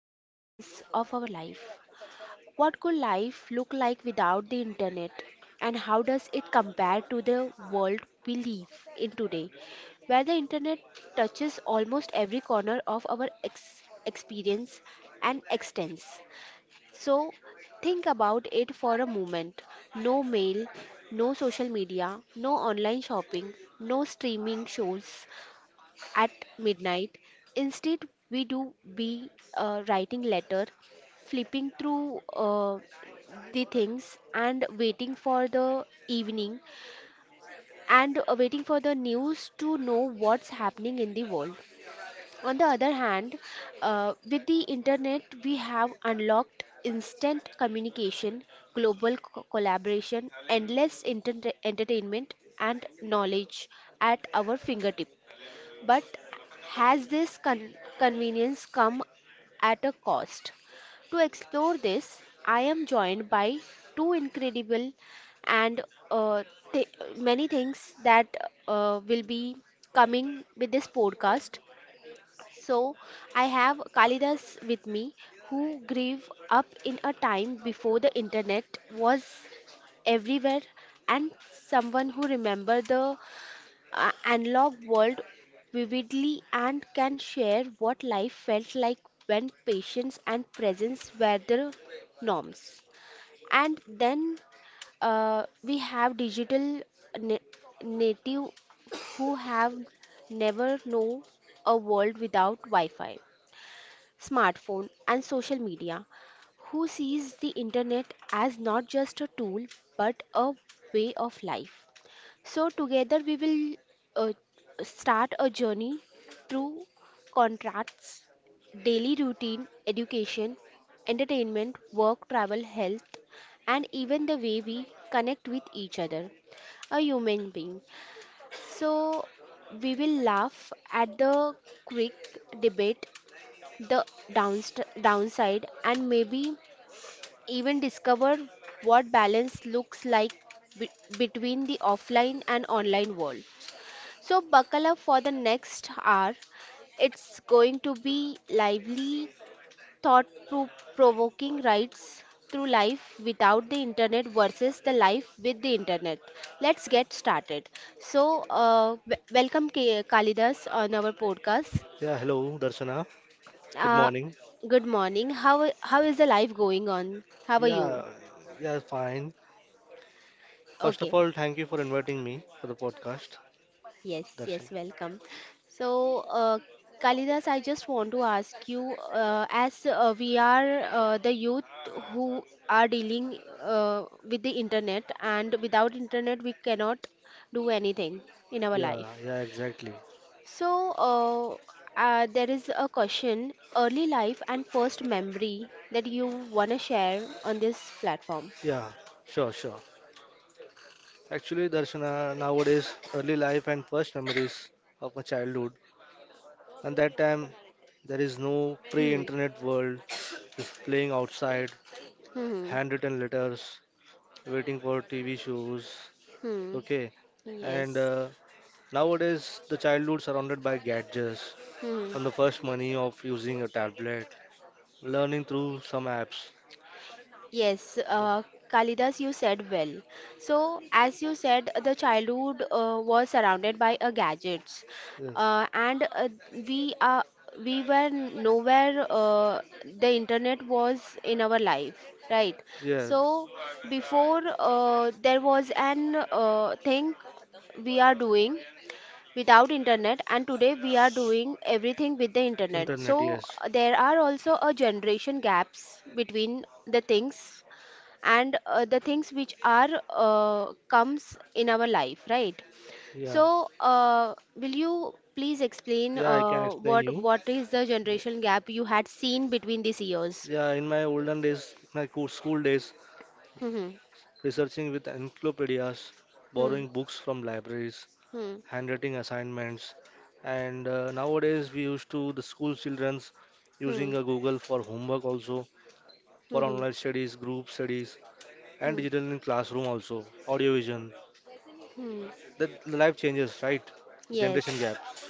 experience of our life. What could life look like without the internet? And how does it compare to the world we live in today, where the internet touches almost every corner of our experience and extends? So, think about it for a moment. No mail, no social media, no online shopping, no streaming shows, at midnight. Instead, we do be writing letter, flipping through the things and waiting for the evening and waiting for the news to know what's happening in the world. On the other hand, with the internet, we have unlocked instant communication, global collaboration, endless entertainment, and knowledge at our fingertips. But has this convenience come at a cost? To explore this, I am joined by two incredible and uh, th- many things that will be coming with this podcast. So, I have Kalidas with me who grew up in a time before the internet was everywhere, and someone who remember the analog world vividly and can share what life felt like when patience and presence were the norms. And then we have digital na- native who have never know a world without Wi-Fi, smartphone, and social media, who sees the internet as not just a tool but a way of life. So, together we will uh, start a journey through contracts, daily routine, education, entertainment, work, travel, health, and even the way we connect with each other, a human being. So, we will laugh at the quick debate, the downside, and maybe even discover what balance looks like be- between the offline and online worlds. So, buckle up for the next hour. It's going to be lively, thought provoking rides through life without the internet versus the life with the internet. Let's get started. So, welcome Kalidas on our podcast. Yeah, hello, Darshana. Good Uh, morning. Good morning. How is the life going on? How are you? Yeah, yeah, fine. First Okay. of all, thank you for inviting me for the podcast, Yes, yes, Darshana. welcome. So, Kalidas, I just want to ask you, as we are the youth who are dealing with the internet, and without internet, we cannot do anything in our Yeah, life. yeah, exactly. So, there is a question, early life and first memory that you want to share on this platform. Yeah, sure, sure. Actually, Darshana, nowadays, early life and first memories of my childhood. And that time, there is no Hmm. pre-internet world, just playing outside, Hmm. Hmm. handwritten letters, waiting for TV shows. Hmm. Okay, and Yes. Nowadays, the childhood surrounded by gadgets Hmm. on the first money of using a tablet, learning through some apps. Yes, Kalidas, you said well. So, as you said, the childhood was surrounded by gadgets, Yes, and we were nowhere. The internet was in our life, right? So, yes, before there was an thing we are doing without internet, and today we are doing everything with the internet. internet, So yes. There are also a generation gaps between the things and the things which are comes in our life, right? Yeah, So will you please explain yeah, I can explain what you. what is the generation Yeah, gap you had seen between these years? in my olden days, school days, Hmm. researching with encyclopedias, Hmm. borrowing books from libraries, Hmm. handwriting assignments, and nowadays we used to the school childrens Hmm. using a Google for homework also, for Hmm. online studies, group studies, and Hmm. digital in classroom also, audio vision. Hmm. The life changes, right? Generation Yes. gaps.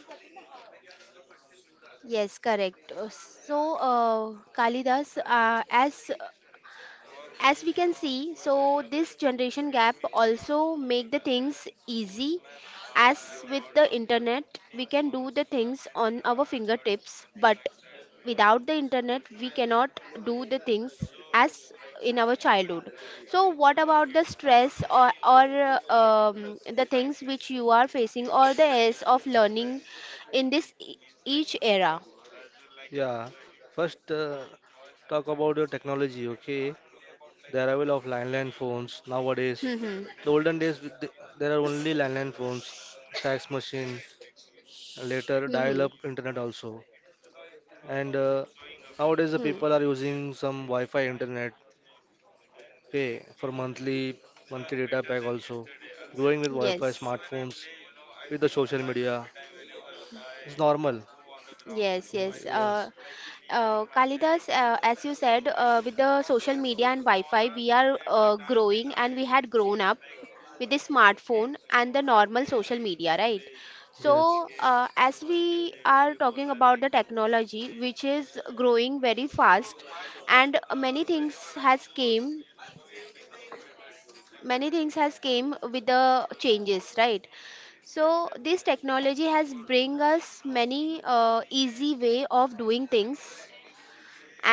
Yes, correct. So, Kalidas, as we can see, so this generation gap also make the things easy, as with the internet we can do the things on our fingertips, but without the internet we cannot do the things as in our childhood. So what about the stress or uh, the things which you are facing or the airs of learning in this each era? Yeah. First, talk about your technology, okay? The arrival of landline phones nowadays. Hmm. Hmm. The olden days, with the- There are only landline phones, fax machine, later Hmm. dial-up Hmm. internet also. And nowadays, the Hmm. people are using some Wi-Fi internet, okay, for monthly data pack also. Growing with Wi-Fi, Yes. smartphones, with the social media, it's normal. Yes, yes. Yes, Kalidas, as you said, with the social media and Wi-Fi, we are growing and we had grown up with the smartphone and the normal social media, right? yes. So, as we are talking about the technology, which is growing very fast, and many things has came with the changes, right? So this technology has bring us many easy way of doing things,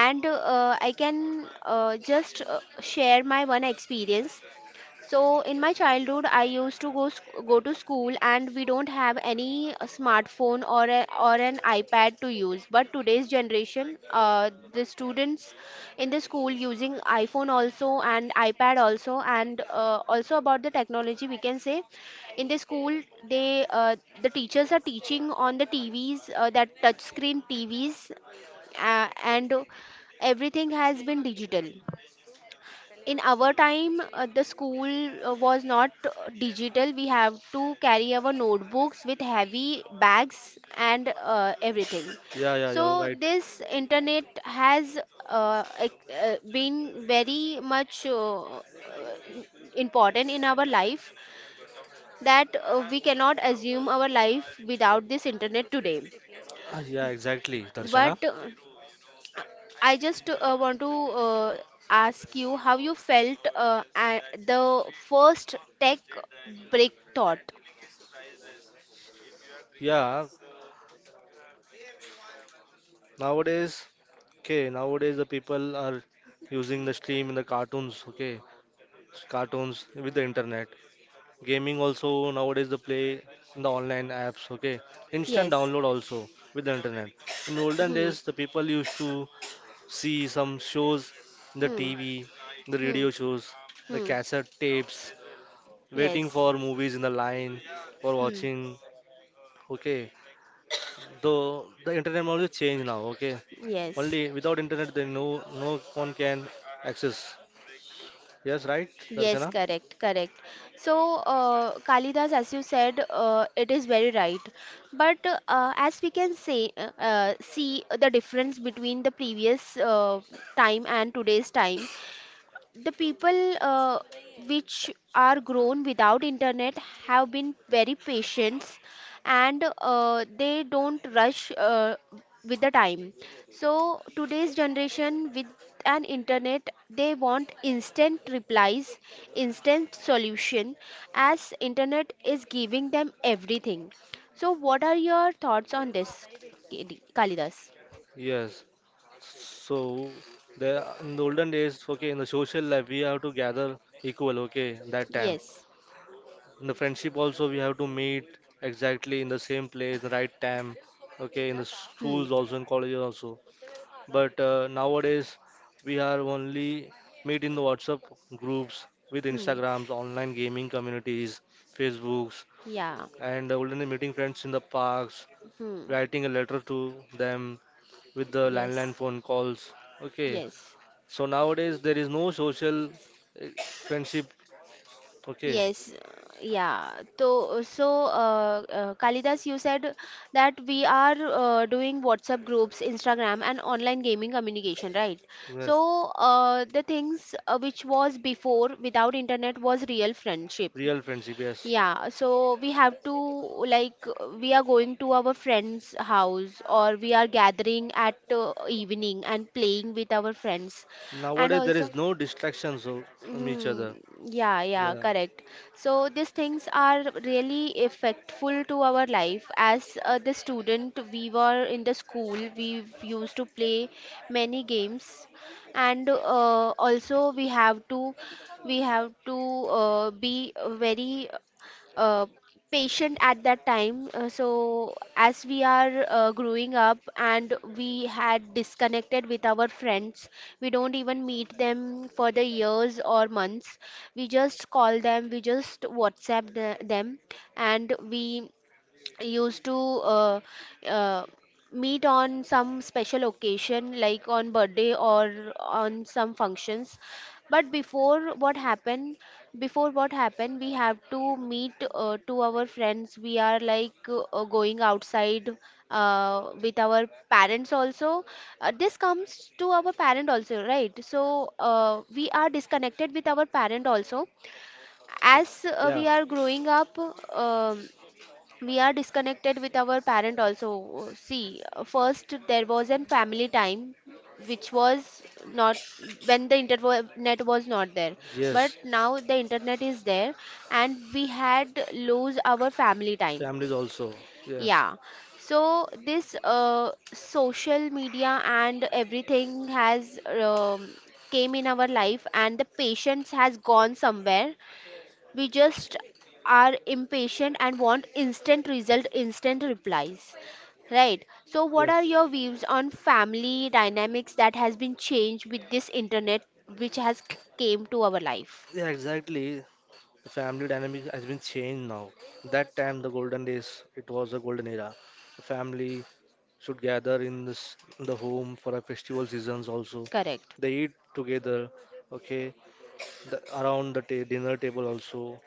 and I can just share my one experience. So in my childhood I used to go to school, and we don't have any smartphone or or an iPad to use. But today's generation, the students in the school using iPhone also and iPad also. And also about the technology, we can say, in the school they the teachers are teaching on the TVs, that touch screen TVs, and everything has been digital. In our time, the school was not digital. We have to carry our notebooks with heavy bags and everything. Yeah, yeah, So you're right. this internet has been very much important in our life, that we cannot assume our life without this internet today. Yeah, exactly, But Darshana. I just want to ask you how you felt at the first tech break thought. Yeah, nowadays, okay, nowadays the people are using the stream in the cartoons, okay, cartoons with the internet. Gaming also nowadays the play in the online apps, okay, instant Yes. download also with the internet. In olden Hmm. days, the people used to see some shows in the Hmm. TV, the Hmm. radio shows, the Hmm. cassette tapes, waiting Yes. for movies in the line for watching, Hmm. okay. the the internet only change now. Okay, Yes. only without internet then no, no one can access. Yes, right, Yes, Darshana. correct, correct. So, Kalidas, as you said, it is very right. But as we can say, see the difference between the previous time and today's time. The people which are grown without internet have been very patient, and they don't rush with the time. So today's generation with an internet, they want instant replies, instant solution, as internet is giving them everything. So what are your thoughts on this, Kalidas? Yes, so the in the olden days, okay, in the social life we have to gather equal, okay, that time. Yes. In the friendship also we have to meet exactly in the same place the right time, okay, in the Hmm. schools also, in colleges also. But nowadays, we are only meet in the WhatsApp groups with Hmm. Instagrams, online gaming communities, Facebooks, Yeah. and only meeting friends in the parks, Hmm. writing a letter to them with the Yes. landline phone calls. Okay, Yes, so nowadays there is no social friendship. Okay, yes, yeah. So, Kalidas, you said that we are doing WhatsApp groups, Instagram, and online gaming communication, right? yes, So, the things which was before without internet was real friendship. real friendship. Yes. Yeah, so we have to, like, we are going to our friend's house, or we are gathering at evening and playing with our friends, and Nowadays, there also. is no from each other. Mm, yeah, yeah, Yeah, correct. So these things are really effectful to our life. As the student, we were in the school. We used to play many games, and also we have to be very uh, patient at that time. So as we are growing up, and we had disconnected with our friends, we don't even meet them for the years or months. We just call them, we just WhatsApp them, and we used to uh, meet on some special occasion, like on birthday or on some functions. But before what happened we have to meet to our friends. We are like going outside with our parents also. This comes to our parent also, right? So we are disconnected with our parent also, as we yeah, are growing up. um we are disconnected with our parent also. See, first there was a family time, which was not, when the internet was not there. But yes, now the internet is there, and we had lose our family time. families also. Yes, Yeah, so this social media and everything has um, came in our life, and the patience has gone somewhere. We just are impatient and want instant result, instant replies. Right. So what are yes. your views on family dynamics that has been changed with this internet, which has came to our life? Yeah, exactly. The family dynamic has been changed now. That time, the golden days, it was a golden era. The family should gather in this in the home for a festival seasons also. Correct. They eat together, okay, around the dinner table also.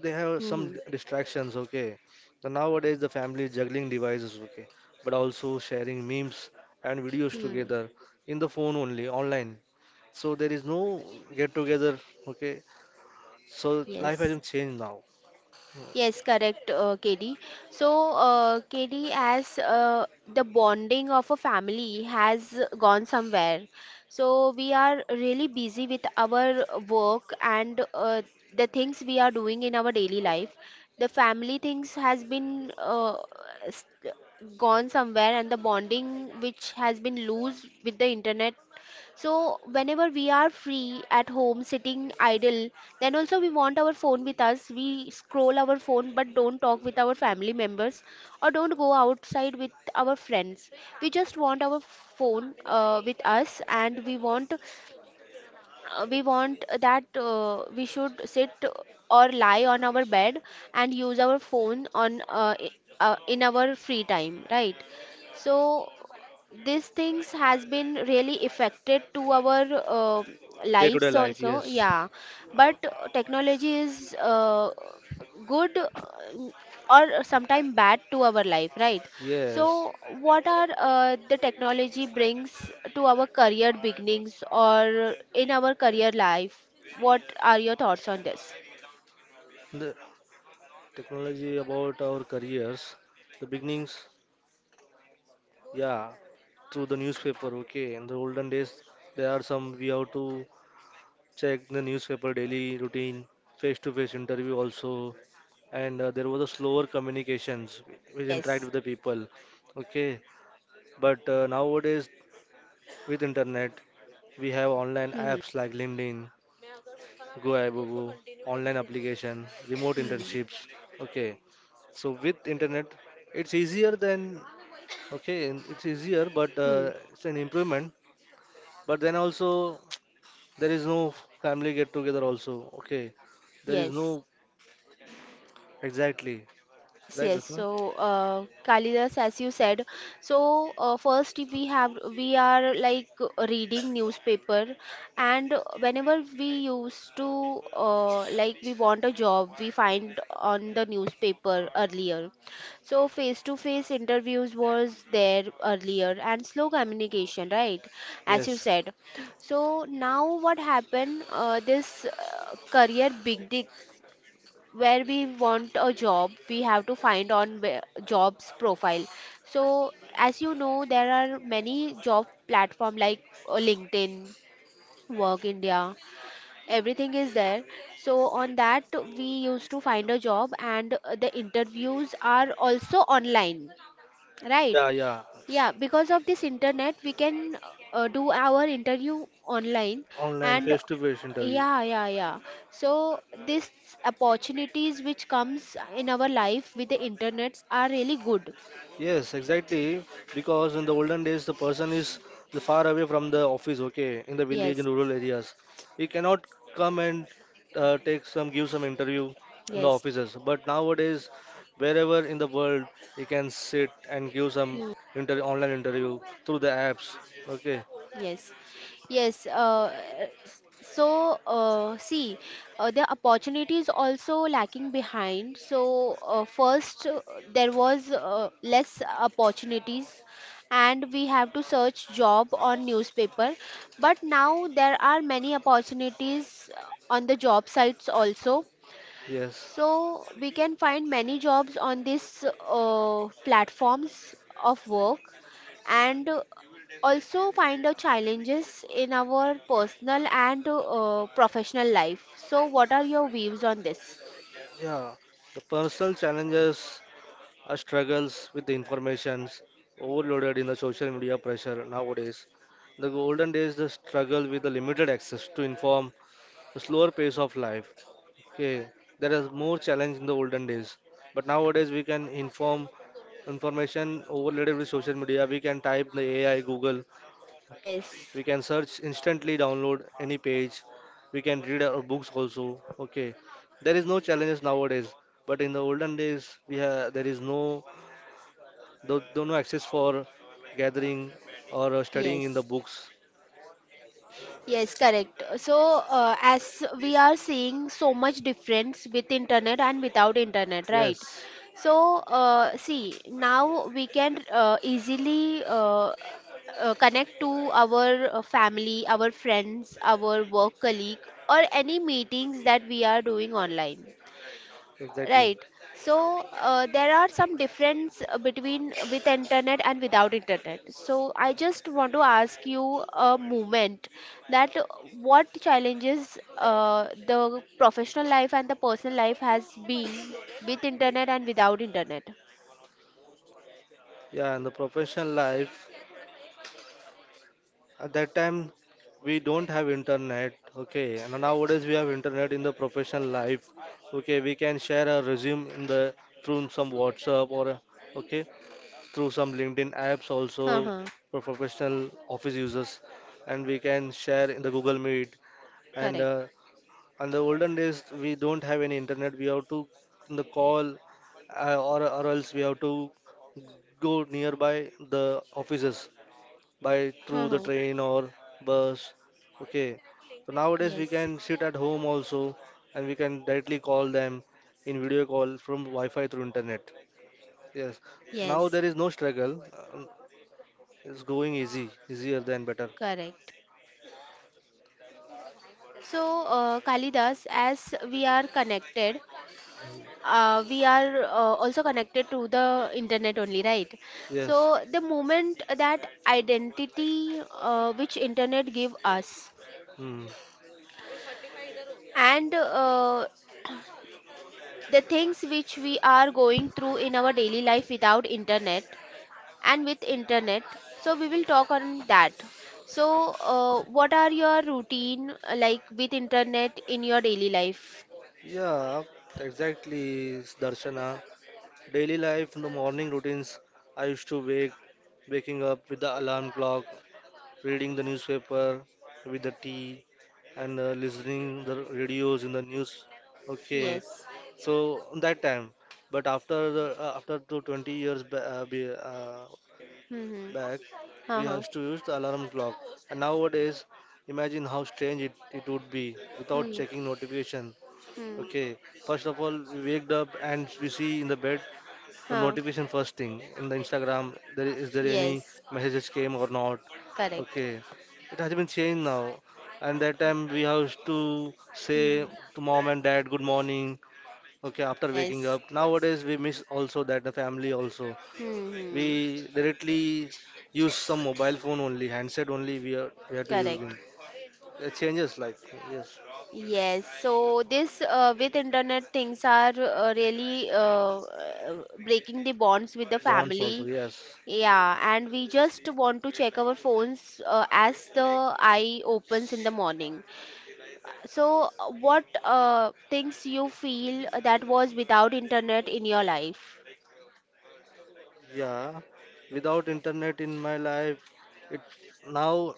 They have some Mm-hmm. Distractions, okay. So nowadays, the family is juggling devices, okay, but also sharing memes and videos Hmm. together in the phone only, online. So there is no get together, okay. So life has Yes. been changed now day Yes, correct, KD. So, KD, as the bonding of a family has gone somewhere, so we are really busy with our work and the things we are doing in our daily life. The family things has been s- gone somewhere, and the bonding which has been loose with the internet. So whenever we are free at home, sitting idle, then also we want our phone with us. We scroll our phone, but don't talk with our family members or don't go outside with our friends. We just want our phone with us, and we want that we should sit or lie on our bed and use our phone on in our free time, right? So these things has been really affected to our to day lives life. also, Yes, yeah. But technology is good or sometimes bad to our life, right? yes, So what are the technology brings to our career beginnings or in our career life? What are your thoughts on this? the technology about our careers, the beginnings. Yeah, through the newspaper, okay, in the olden days, there are some we have to check the newspaper daily routine, face to face interview also, and there was a slower communications we interact Yes. with the people, okay. But nowadays with internet, we have online Hmm. apps like LinkedIn, GoIBobo, online application, remote Hmm. internships. Okay, so with internet, it's easier than okay, and it's easier, but Hmm. Hmm. It's an improvement. But then also, there is no family get together also. Okay, there is no Yes. exactly Yes, right, yes. Ratna? So, Kalidas, as you said, so first we are like reading newspaper, and whenever we used to, like, we want a job, we find on the newspaper earlier. So face-to-face interviews was there earlier, and slow communication, right? As you Yes, said. So now what happened? This career big where we want a job we have to find on jobs profile so as you know there are many job platform like LinkedIn, Work India, everything is there so on that we used to find a job and the interviews are also online, right? yeah, yeah, Yeah, because of this internet, we can do our interview online online and face to face interview. yeah, yeah, yeah. So these opportunities which comes in our life with the internet are really good. Yes, exactly. Because in the olden days, the person is the far away from the office. Okay, in the village Yes, and rural areas, he cannot come and take some, give some interview in the yes. offices. But nowadays, wherever in the world, he can sit and give some inter online interview through the apps. Okay, Yes, yes. See, the opportunities also lacking behind. So first, there was less opportunities, and we have to search job on newspaper. But now there are many opportunities on the job sites also, yes, so we can find many jobs on these platforms of work and also find the challenges in our personal and professional life. So what are your views on this? yeah. The personal challenges, our struggles with the informations overloaded in the social media pressure nowadays. The golden days, the struggle with the limited access to inform, the slower pace of life. Okay, there is more challenge in the olden days, but nowadays we can inform information overloaded with social media. We can type the AI, Google. Yes. We can search instantly, download any page. We can read our books also. Okay, there is no challenges nowadays, but in the olden days we have there is no don't no access for gathering or studying in the Yes. books. Yes, correct. So, as we are seeing so much difference with internet and without internet, right? Yes, So, see, now we can easily connect to our family, our friends, our work colleague, or any meetings that we are doing online. exactly. Right. So there are some difference between with internet and without internet. So I just want to ask you a moment that what challenges the professional life and the personal life has been with internet and without internet. Yeah, in the professional life, at that time we don't have internet. Okay, and nowadays we have internet in the professional life. Okay, we can share a resume in the through some WhatsApp or okay through some LinkedIn apps also Uh-huh. for professional office users, and we can share in the Google Meet and Correct. And the olden days, we don't have any internet. We have to the call, or else we have to go nearby the offices by through the Uh-huh. train or bus. Okay. So nowadays we Yes. can sit at home also, and we can directly call them in video call from Wi-Fi through internet. Yes. Now Yes. there is no struggle. Um, It's going easy, easier than better. Correct. So, Kalidas, as we are connected, we are also connected to the internet only, right? So Yes. the moment that identity which internet give us Hmm. and the things which we are going through in our daily life without internet and with internet, so we will talk on that. So what are your routine like with internet in your daily life? Yeah, exactly, Darshana. Daily life, the morning routines. I used to wake, waking up with the alarm clock, reading the newspaper with the tea, and listening the radios in the news. Okay, Yes. so that time, but after the after to 20 years Mm-hmm. back, we Uh-huh. used to use the alarm clock, and nowadays, imagine how strange it would be without Hmm. checking notification. Hmm. Okay, first of all, we waked up and we see in the bed the Huh. notification first thing in the Instagram. There is there any Yes. messages came or not? Correct. Okay, it has been changed now. And that time we have to Mhm. say to mom and dad good morning. Okay, after waking Yes. up. Nowadays we miss also that the family also. Hmm. We directly use some mobile phone only, handset only. We are to Correct. using. It changes life. Yes, Yes. So this with internet things are really breaking the bonds with the bonds also. family. Yes. Yeah, and we just want to check our phones as the eye opens in the morning. So what things you feel that was without internet in your life? Yeah, without internet in my life, it now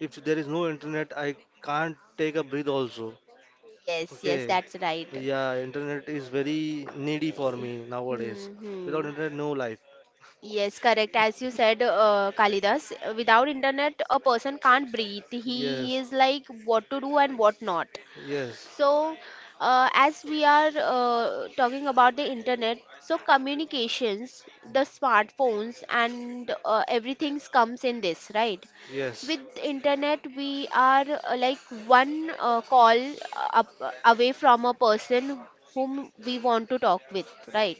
if there is no internet, I can't take a breath also. Yes, yes, Okay, that's right. yeah, internet is very needy for me nowadays. Hmm. Without Hmm. internet, no life. Yes, correct. As you said, Kalidas, without internet, a person can't breathe. He Yes, is like what to do and what not. yes, So, as we are talking about the internet, so communications, the smartphones, and everything comes in this, right? yes. With internet, we are like one call up, away from a person whom we want to talk with, right?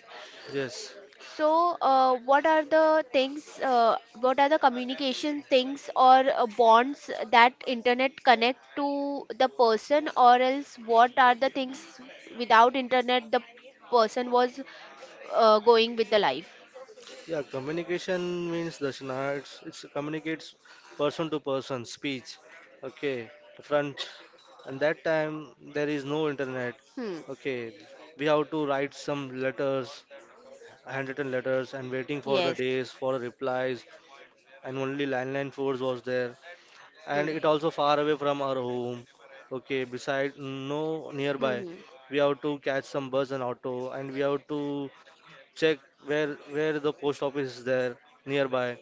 Yes. So, what are the things, what are the communication things or bonds that internet connect to the person, or else what are the things without internet the person was going with the life? Yeah, communication means Darshana, it's communicates person to person, speech, okay, front. And that time there is no internet, Hmm. okay. We have to write some letters, handwritten letters, and waiting for the Yes. days for replies. And only landline phones was there, and it Hmm. also far away from our home, okay. Beside no nearby, Hmm. we have to catch some bus and auto, and we have to check where the post office is there nearby.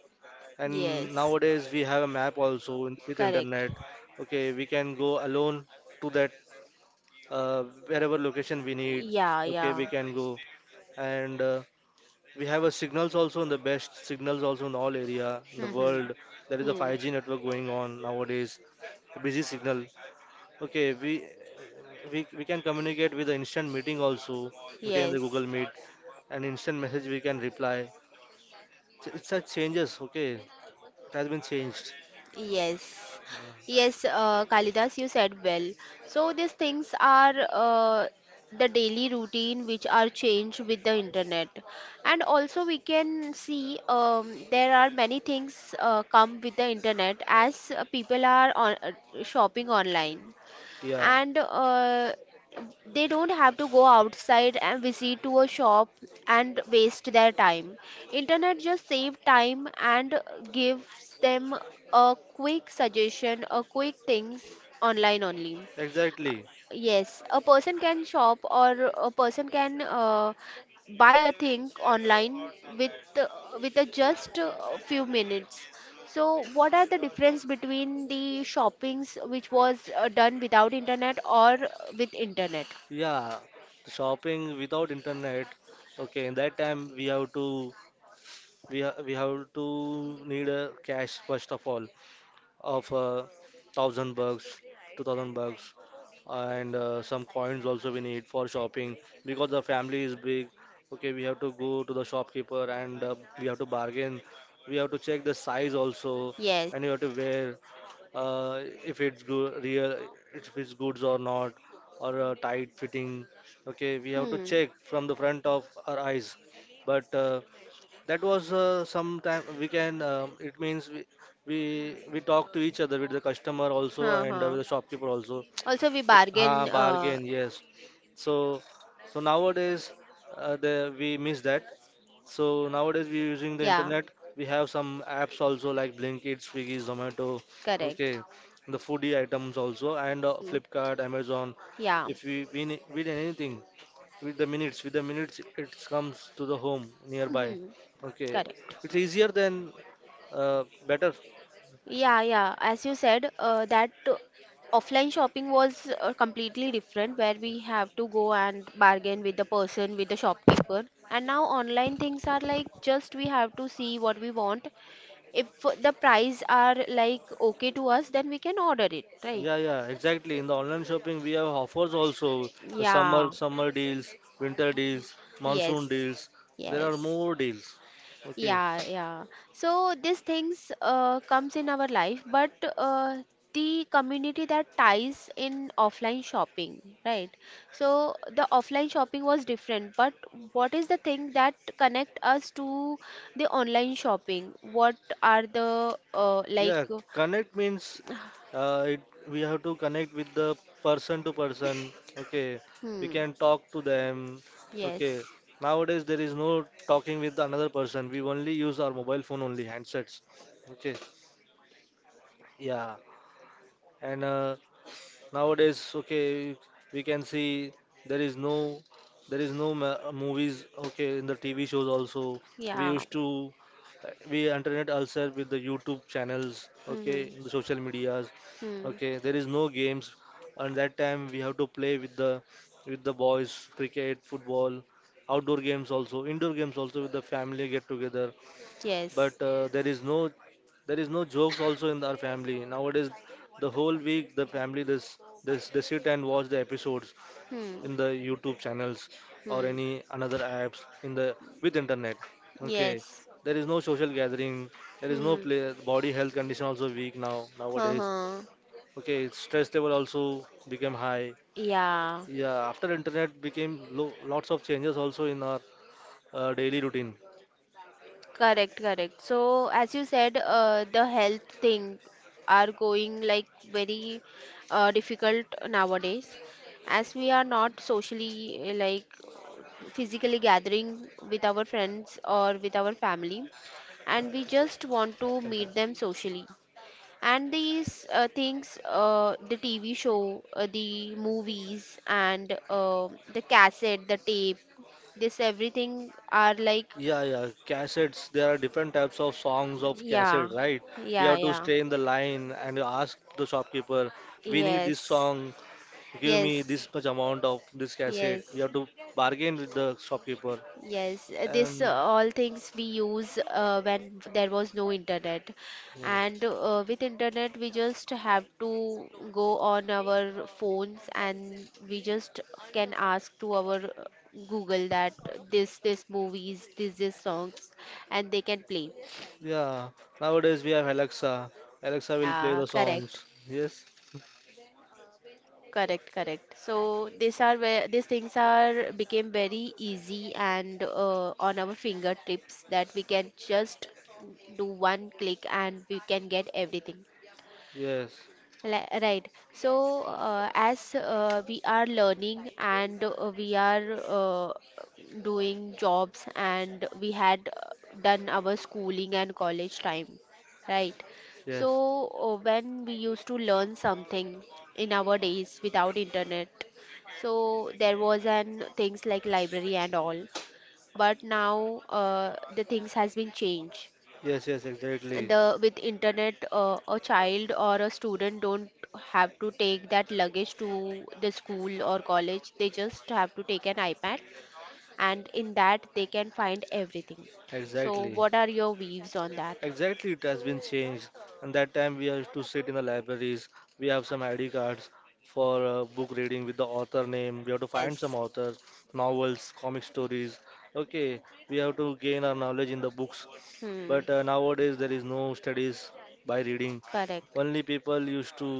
And Yes. nowadays we have a map also in, with Correct. internet. Okay, we can go alone to that wherever location we need. Yeah. Okay, we Yeah. can go and we have a signals also in the best signals also in all area in the Hmm. world. There is a Hmm. Hmm. 5G network going on nowadays. A busy signal. Okay, we can communicate with the instant meeting also. Okay, in the Yes. Google Meet, an instant message we can reply. It's a changes, okay? It has been changed. Yes, Uh, yes, Kalidas, you said well. So these things are the daily routine which are changed with the internet, and also we can see there are many things come with the internet as people are on, shopping online yeah, and they don't have to go outside and visit to a shop and waste their time, internet just save time and gives them a quick suggestion, a quick things online only. exactly. Yes, a person can shop or a person can buy a thing online with uh, with a just a few minutes. So, what are the difference between the shoppings which was done without internet or with internet? Yeah, shopping without internet. Okay, in that time we have to need a cash first of all. Of 1,000 bucks, 2,000 bucks, and some coins also we need for shopping because the family is big. Okay, we have to go to the shopkeeper and we have to bargain. We have to check the size also, Yes. and you have to wear if it's good, real, if it's goods or not, or tight fitting. Okay, we have to Hmm. check from the front of our eyes. But that was sometime we can it means we talk to each other with the customer also Huh, and huh. with the shopkeeper also. Also, we Ah, bargain. Bargain, yes. So, so nowadays, we miss that. So nowadays we're using the Yeah. internet. We have some apps also like Blinkit, Swiggy, Zomato. Correct. Okay, the foodie items also and Hmm. Flipkart, Amazon. Yeah. If we need anything with the minutes it comes to the home nearby. Hmm. Okay, Correct. it's easier than better. Yeah, yeah. As you said, that offline shopping was completely different, where we have to go and bargain with the person, with the shopkeeper. And now online things are like just we have to see what we want. If the price are like okay to us, then we can order it, right? Yeah, yeah, exactly. In the online shopping, we have offers also. The summer Yeah. summer deals, winter deals, monsoon Yes. deals. There are Yes. more deals. Okay. Yeah, yeah. So these things comes in our life, but uh, the community that ties in offline shopping, right? So the offline shopping was different, but what is the thing that connect us to the online shopping? What are the like? Yeah, connect means uh, it, we have to connect with the person to person. Okay. We Hmm. can talk to them. Yes. Okay. Nowadays there is no talking with another person. We only use our mobile phone only handsets. Okay. Yeah. And Nowadays, okay, we can see there is no movies, okay, in the TV shows also. We Yeah. used to We entertain ourselves with the YouTube channels, okay, Hmm. in the social medias, Hmm. okay, there is no games. And that time we have to play with the boys, cricket, football, outdoor games also, indoor games also, with the family get together Yes. but there is no jokes also in our family nowadays. The whole week the family, this, they sit and watch the episodes Hmm. in the YouTube channels, or Hmm. any another apps in the, with internet, okay. Yes. There is no social gathering, there is no Hmm. play, body health condition also weak now nowadays. Uh-huh. Okay, stress level also became high. Yeah. Yeah, after internet became lots of changes also in our daily routine. Correct, correct. So, as you said, the health thing are going like very difficult nowadays, as we are not socially like physically gathering with our friends or with our family, and we Okay, sir, just want to can tell. meet them socially. And these things, the TV show, the movies, and the cassette, the tape, this everything are like Yeah, yeah, cassettes. There are different types of songs of yeah, cassette, right? We yeah, have to yeah. stay in the line and you ask the shopkeeper, we need this Yes, song, give me yes, this much amount of this cassette. We yes, have to bargain with the shopkeeper. yes. This And all things we use when there was no internet, yeah, and with internet we just have to go on our phones and we just can ask to our Google that this movies, this songs, and they can play. yeah, nowadays we have Alexa. Alexa will play Yeah, the correct. songs. Yes, Correct, correct. So these are where these things are became very easy and on our fingertips that we can just do one click and we can get everything. yes, Right. So, as we are learning and we are doing jobs and we had done our schooling and college time, right? yes, So, when we used to learn something in our days without internet, so there was an things like library and all, but now the things has been changed yes, yes, exactly, the with internet, a child or a student don't have to take that luggage to the school or college, they just have to take an iPad and in that they can find everything. So exactly. what are your views on that? Exactly, it has been changed. And that time we used to sit in the libraries. We have some ID cards for book reading with the author name. We have to find some Yes. authors, novels, comic stories. Okay, we have to gain our knowledge in the books. But Hmm. nowadays there is no studies by reading. Correct. Only people used to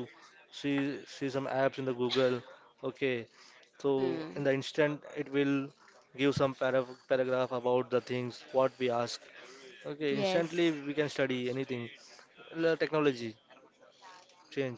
see some apps in the Google. Okay, so Hmm. in the instant it will give some paragraph about the things what we ask. Okay, Yes. instantly we can study anything. The technology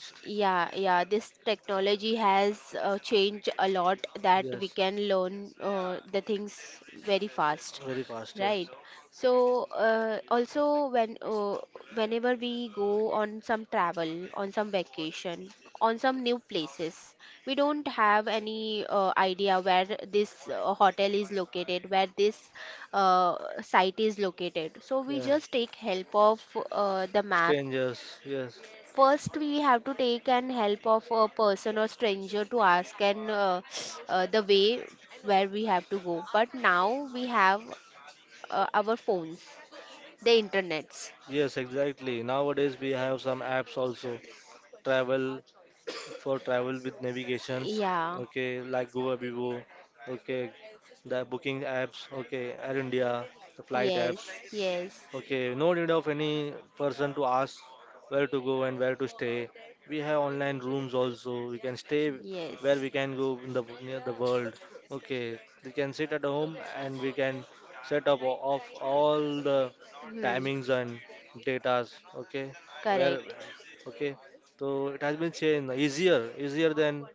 Y- Yeah, yeah, this technology has changed a lot that we Yes, can learn the things very fast, very fast. Yes. right? So also when whenever we go on some travel, on some vacation, on some new places, we don't have any idea where this hotel is located, where this uh, site is located. So we Yeah. just take help of the map. Strangers. Yes. First, we have to take an help of a person or stranger to ask and the way where we have to go. But now we have our phones, the internets. Yes, exactly. Nowadays we have some apps also. Travel For travel with navigations. Yeah. Okay, like Google Vivo. Okay, the booking apps. Okay, Air India, the flight Yes. apps. Yes. Okay, no need of any person to ask where to go and where to stay. We have online rooms also. We can stay where we Yes. can go in the near the world. Okay, we can sit at home and we can set up of all the Hmm. timings and datas. Okay, where, Correct. okay. So it has been changed easier, easier than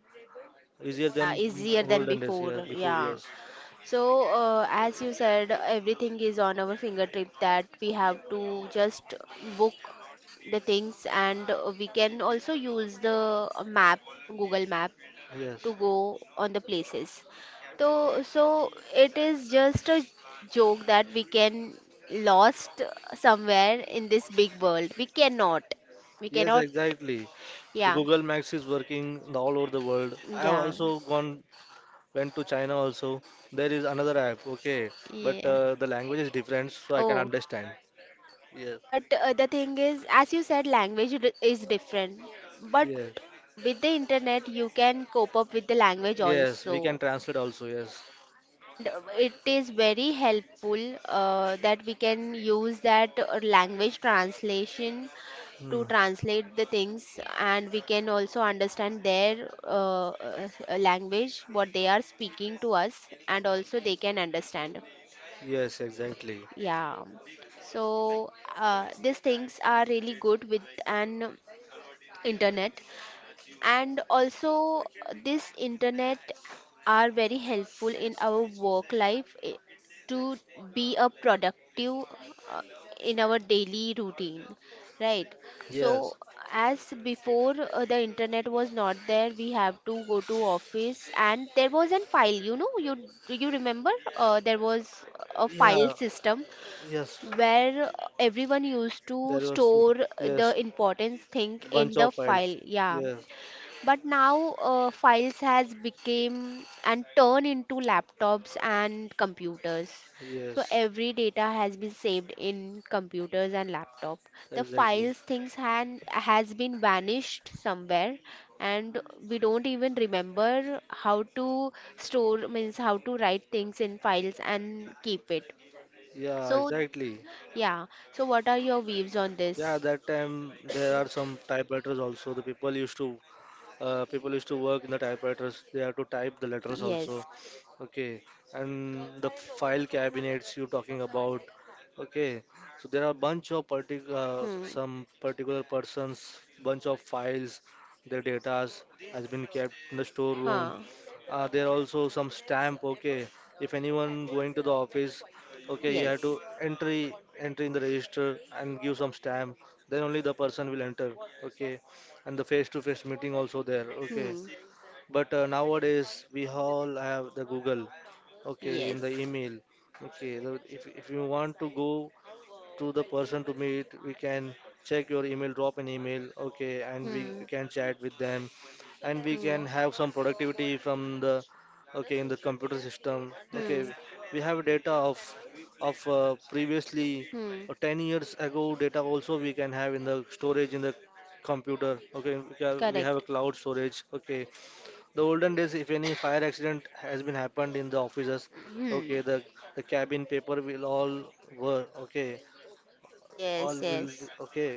easier than Yeah. Easier than olden days. before. Yeah, before, Yeah. yes, So, as you said, everything is on our fingertip that we have to just book the things, and we can also use the map, Google Map, to yes. go on the places. So, so it is just a joke that we can lost somewhere in this big world. We cannot. We Yes, cannot. exactly. The Yeah. Google Maps is working in all over the world. I have Yeah. also gone went to China also. There is another app, okay, but Yeah. The language is different, so I can Oh. understand. Yes, But the thing is, as you said, language is different. But yes, with the internet, you can cope up with the language yes. We can also. translate also. Yes. And it is very helpful that we can use that language translation to Hmm. translate the things, and we can also understand their language, what they are speaking to us, and also they can understand. Yes, exactly. Yeah. So these things are really good with an internet and also this internet are very helpful in our work life, eh, to be a productive uh, in our daily routine, right? Yes, So as before, the internet was not there, we have to go to office and there was an file, you know, you, do you remember, there was a file yeah, system yes. where everyone used to There was, store the yes, important thing in bunch the of files. file, yeah, Yes, but now files has become and turned into laptops and computers, so yes. every data has been saved in computers and laptop, the Exactly. files things had has been vanished somewhere and we don't even remember how to store, means how to write things in files and keep it, Yeah, so exactly. yeah. So what are your views on Yeah, this? that time there are some typewriters also. The people used to People used to work in the typewriters. They have to type the letters Yes. also, okay, and the file cabinets you talking about, okay. So there are bunch of Hmm. Particular persons, bunch of files, their datas has been kept in the storeroom. Huh. There are also some stamp, okay. If anyone going to the office, okay, you have to Yes. entry in the register and give some stamp. Then only the person will enter, okay, and the face-to-face meeting also there. Okay, Hmm. but nowadays we all have the Google. Okay, in the Yes. email. Okay, if you want to go to the person to meet. We can check your email, drop an email, okay, and we Hmm. can chat with them, and we Hmm. can have some productivity from the, okay, in the computer system. Okay, Hmm. we have data of previously, Hmm. 10 years ago data also we can have in the storage in the computer, okay. We have a Correct. cloud storage, okay. The olden days, if any fire accident has been happened in the offices, Hmm. okay, the cabin paper will all were, okay, all Yes. Yes. okay.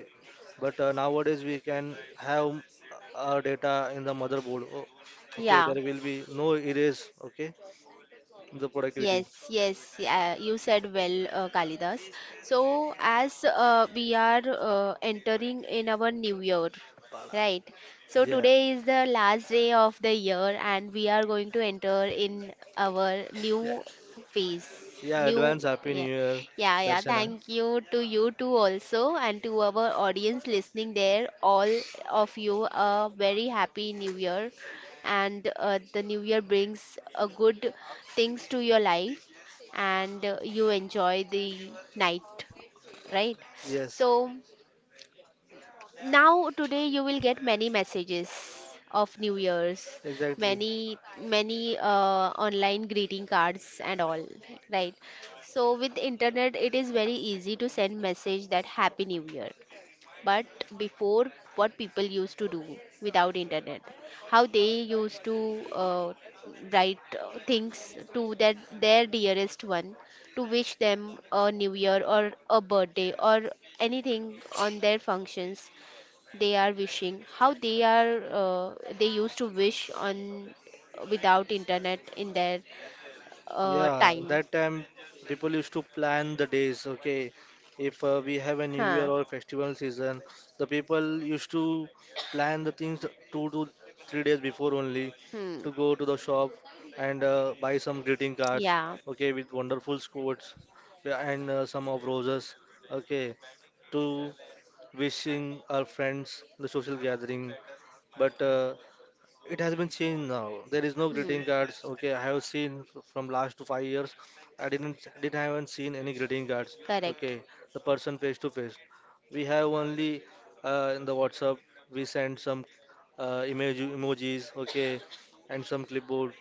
But nowadays we can have our data in the motherboard. Oh, okay, Yeah. there will be no erase, okay, the productivity. Yes, yes, yeah, you said well, Kalidas. So, as we are entering in our new year, Pada. right? So, Yeah, today is the last day of the year, and we are going to enter in our yeah, new phase. yeah, New, advance happy new yeah, year, yeah, yeah. Darshana. Thank you to you too, also, and to our audience listening there, all of you, a very happy new year and the new year brings good things to your life and you enjoy the night, right? Yes, So now today you will get many messages of new year's, exactly. many many online greeting cards and all, right? So with internet it is very easy to send message that happy new year. But before, what people used to do without internet? How they used to write things to their dearest one, to wish them a new year or a birthday or anything on their functions. They are wishing how they are they used to wish on, without internet in their Yeah, time. that time people used to plan the days, okay? If we have a new year Huh. or festival season, the people used to plan the things 2 to 3 days before only Hmm. to go to the shop and buy some greeting cards, Yeah. okay, with wonderful quotes. Yeah, and some of roses, okay, to wishing our friends, the social gathering. But it has been changed now. There is no Hmm. greeting cards. Okay, I have seen from last to 5 years. I didn't haven't seen any greeting cards. Okay, Correct. the person face to face. We have only, in the WhatsApp. We send some emojis. Okay, and some clipboard.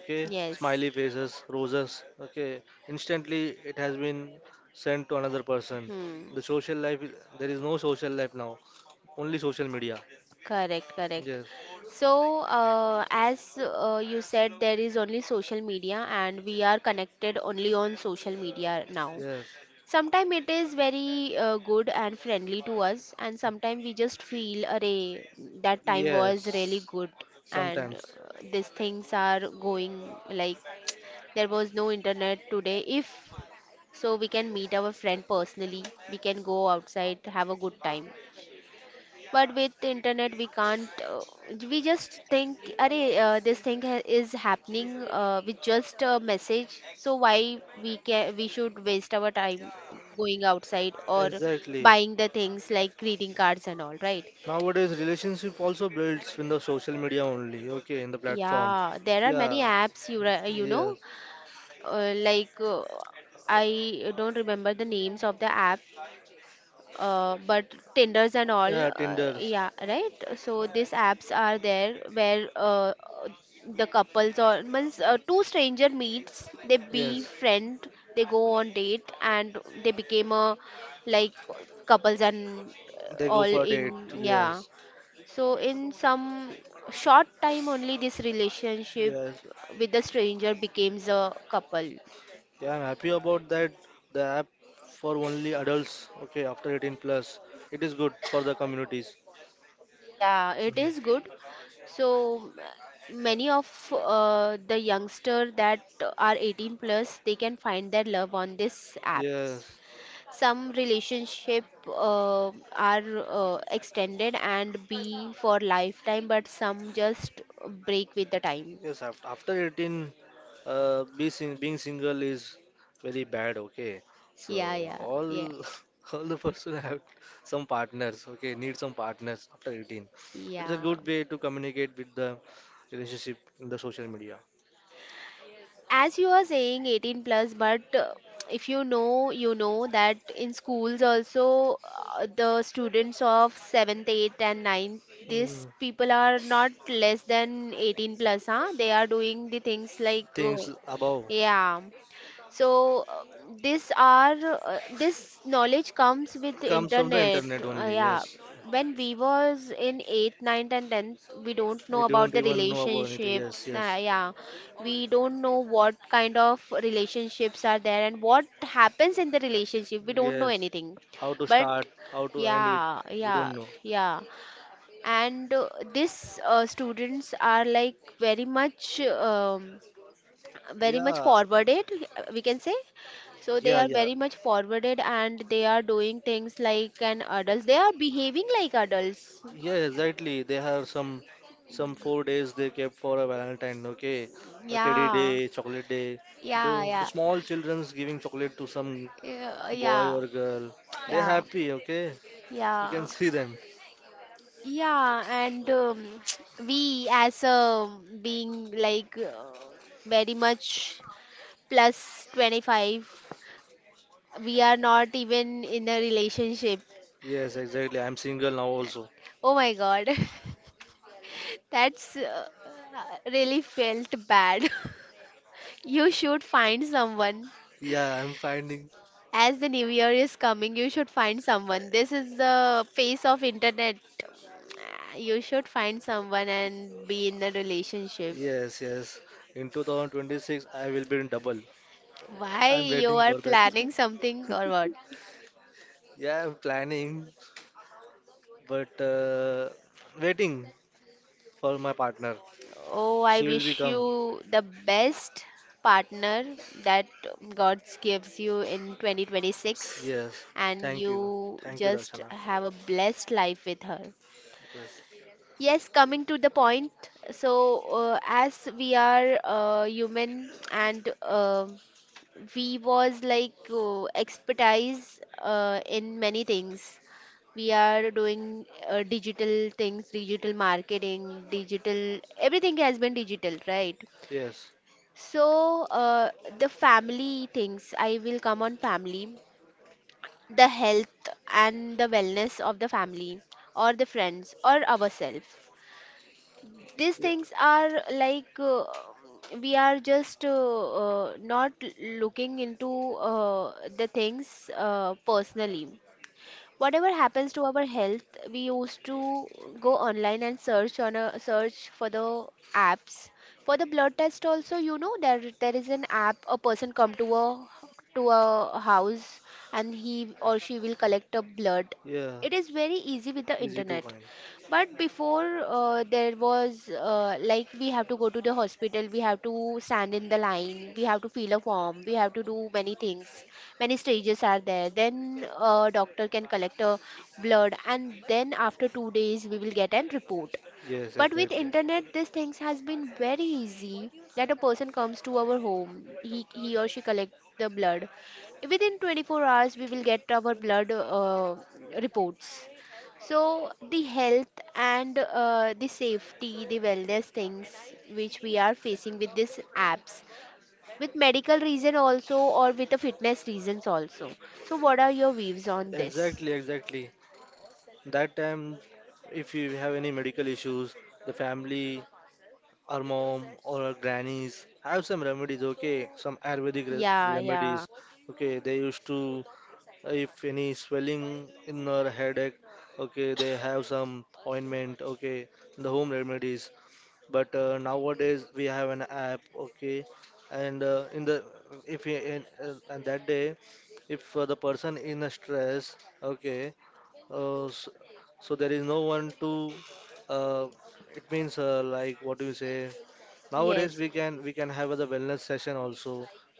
Okay, Yes. smiley faces, roses. Okay, instantly it has been sent to another person. Hmm. The social life. There is no social life now. Only social media. Correct, correct. Yes. So, as you said, there is only social media, and we are connected only on social media now. Yes. Sometimes it is very good and friendly to us, and sometimes we just feel, array that time was really Yes, good, and sometimes. uh, these things are going like there was no internet today." If so, we can meet our friend personally, we can go outside, have a good time, but with the internet we can't we just think, "Arey, this thing is happening with just a message, so why we can we should waste our time going outside or Exactly. buying the things like greeting cards and all, right? Nowadays, relationship also builds in the social media only, okay, in the platform. Yeah, there are many Yeah, apps you know, yes. uh, like uh, I don't remember the names of the apps, but Tinders and all, Yeah, Tinders. yeah, right? So these apps are there where the couples or means two stranger meets, they be Yes, friend, they go on date, and they became a like couples and they all go for a date. in, yeah. Yes, So in some short time only, this relationship yes. with the stranger becomes a couple. Yeah, I'm happy about that. The app for only adults, okay, after 18 plus. It is good for the communities. Yeah, it is Mhm. good. So many of the youngster that are 18 plus, they can find their love on this app. Yes, Some relationship are extended and be for lifetime, but some just break with the time. yes, after 18, being single is very bad, okay. So Yeah, yeah, all yeah, all the person have some partners, okay, need some partners after 18. It's a yeah. good way to communicate with the relationship in the social media. As you are saying 18 plus, but if you know that in schools also, the students of 7th, 8th and ninth, these Hmm. people are not less than 18 plus, huh? They are doing the things like, Things above. yeah. So this knowledge comes with the Comes from the internet. internet only, Yeah, yes. when we was in eighth, ninth, and tenth, we don't know We don't about the even know about anything, relationships. yes, yes. Yeah, we don't know what kind of relationships are there and what happens in the relationship. We don't know Yes. anything, How to but start, how to end it, yeah, we yeah, don't know. yeah. And this students are like very much. Very much Yeah, forwarded, we can say. So they yeah, are yeah. very much forwarded and they are doing things like an adults, they are behaving like adults. Yeah, exactly. They have some 4 days they kept for a Valentine, okay? A teddy Yeah, day, chocolate day. The yeah, the yeah, small children's giving chocolate to some yeah, boy yeah, or girl. They're yeah, happy, okay? You can yeah, see them. yeah. And we as being like very much plus 25, we are not even in a relationship. Yes, exactly. I'm single now also. Oh my god. That's really felt bad. You should find someone. Yeah, I'm finding. As the new year is coming, you should find someone. This is the face of internet. You should find someone and be in a relationship. Yes, yes. In 2026, I will be in double. Why I'm you waiting are for that. planning something or what? Yeah, I'm planning, but waiting for my partner. Oh, I She will wish become. you the best partner that God gives you in 2026, Yes. and Thank you. you Thank you, just Darshana. have a blessed life with her. Yes. Yes, coming to the point, so as we are human and, we was like expertise in many things. We are doing digital things, digital marketing, digital, everything has been digital, right? Yes. So the family things, I will come on family, the health and the wellness of the family or the friends or ourselves, these Yeah. things are like we are just not looking into the things personally. Whatever happens to our health, we used to go online and search on a search for the apps. For the blood test also, you know, there is an app, a person come to a house and he or she will collect a blood. Yeah. It is very easy with the Easy to internet, find. but before, there was like we have to go to the hospital, we have to stand in the line, we have to fill a form, we have to do many things. Many stages are there. Then doctor can collect a blood, and then after 2 days we will get an report. Yes, But with exactly. internet, these things has been very easy, that a person comes to our home. He or she collect the blood. Within 24 hours, we will get our blood reports. So the health and the safety, the wellness things which we are facing with these apps, with medical reason also or with the fitness reasons also. So what are your views on this? Exactly, exactly. That time, if you have any medical issues, the family, our mom or our grannies have some remedies, okay? Some Ayurvedic Yeah, yeah. remedies, okay? They used to, if any swelling in our headache, okay, they have some ointment, okay, the home remedies. But nowadays we have an app, okay, and in the if we- in, and that day, if the person in a stress, okay, uh, so, so there is no one to, uh, it means, like, what do you say, nowadays Yes. we can have the wellness session also,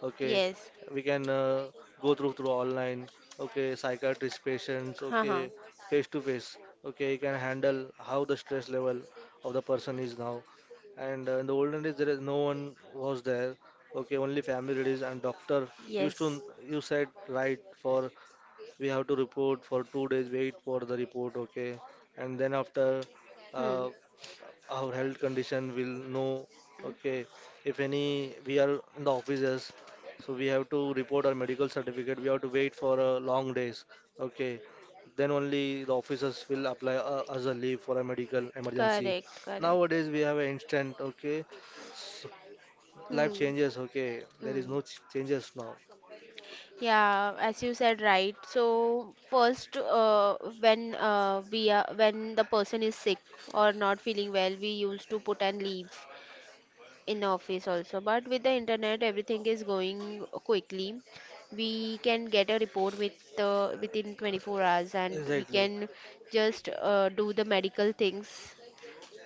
okay, Yes. we can go through online, okay, psychiatrist patients, okay, Haha. face to face, okay, you can handle how the stress level of the person is now. And in the olden days there is no one was there, okay, only family relatives and doctor used to. Yes. You said right, for we have to report for 2 days, wait for the report, okay, and then after, Hmm. uh, our health condition will know, okay. If any, we are in the offices, so we have to report our medical certificate, we have to wait for long days, okay, then only the officers will apply us a leave for a medical emergency. Correct, correct. Nowadays we have an instant, okay, life Hmm. changes, okay, there is Hmm. no changes now. Yeah, as you said, right. So first, when we are when the person is sick or not feeling well, we used to put and leave in office also. But with the internet, everything is going quickly. We can get a report with within 24 hours, and we Exactly. can just do the medical things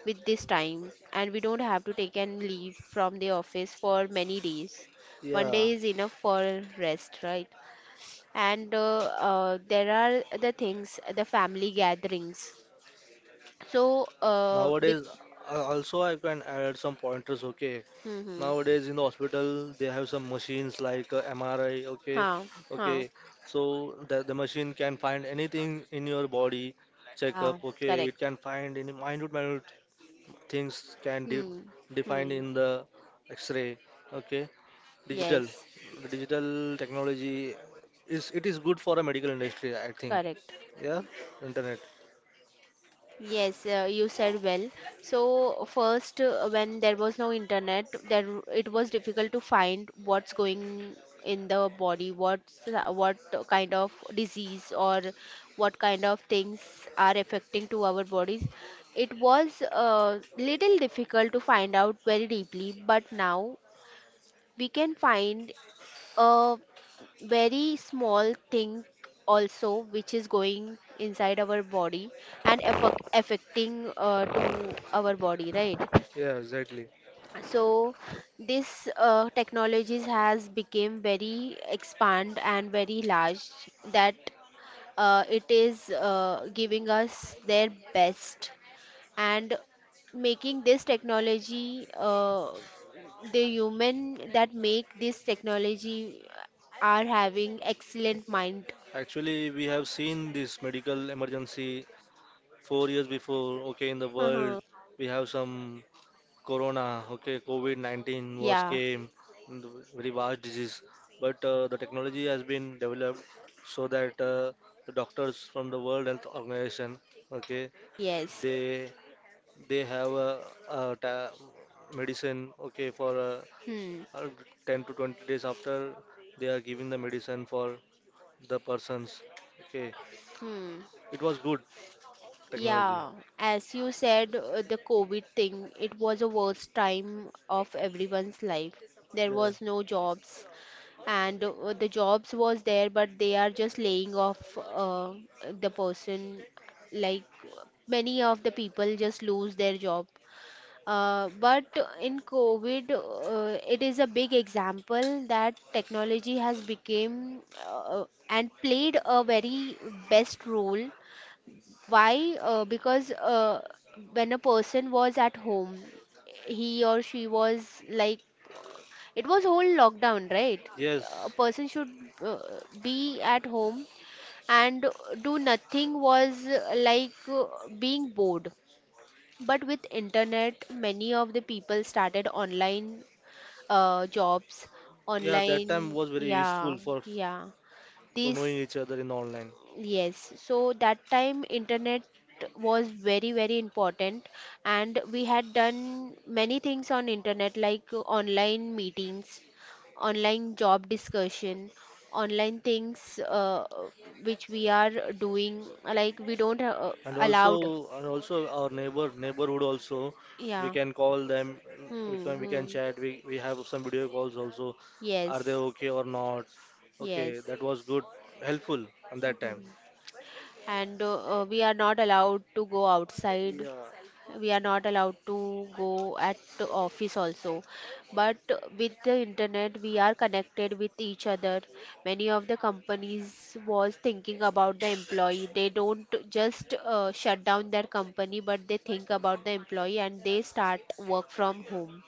with this time, and we don't have to take and leave from the office for many days. One Yeah. day is enough for rest, right? And there are the things, the family gatherings, so with. Nowadays, also I can add some pointers. Okay, Hmm, hmm. nowadays in the hospital they have some machines like, MRI. Okay, Huh. Huh. okay, so the machine can find anything in your body, check Yeah. up. Okay, it Correct. can find any minute things can de Hmm. define in Hmm. the X-ray. Okay, digital, Yes. the digital technology is it is good for a medical industry, I think. Correct. Yeah, internet. Yes, you said well. So first, when there was no internet, there it was difficult to find what's going in the body, what kind of disease or what kind of things are affecting to our bodies. It was little difficult to find out very deeply, but now we can find a very small thing also which is going inside our body and affecting to our body, right? Yeah, exactly. So this technologies has become very expand and very large, that it is giving us their best, and making this technology the human that make this technology are having excellent mind. Actually, we have seen this medical emergency 4 years before. Okay, in the world, Uh-huh. we have some corona. Okay, COVID-19 was Yeah, came, and the very vast disease. But the technology has been developed so that the doctors from the World Health Organization, okay, yes. they they have a ta- medicine. Okay, for Hmm. uh, 10 to 20 days after they are giving the medicine for the persons. Okay, Hmm. it was good technology. Yeah, as you said, the COVID thing, it was a worst time of everyone's life. There Yeah. was no jobs, and the jobs was there, but they are just laying off the person. Like many of the people just lose their job. But in COVID, it is a big example that technology has become uh, and played a very best role. Why? Because, when a person was at home, he or she was like, it was whole lockdown, right? A Yes. person should uh, be at home and do nothing was being bored. But with internet, many of the people started online jobs Yeah, that time online, was very yeah. useful for Yeah. for knowing This. each other in online. Yes. So that time internet was very very important, and we had done many things on internet, like online meetings, online job discussion, online things, which we are doing like we don't And also allowed. and also our neighborhood also, we Yeah. can call them, Hmm, we, can hmm. chat we have some video calls also, are they Yes. okay or not, okay, Yes, that was good, helpful on that time. and we are not allowed to go outside. Yeah. We are not allowed to go at the office also. But with the internet, we are connected with each other. Many of the companies was thinking about the employee. They don't just shut down their company, but they think about the employee and they start work from home.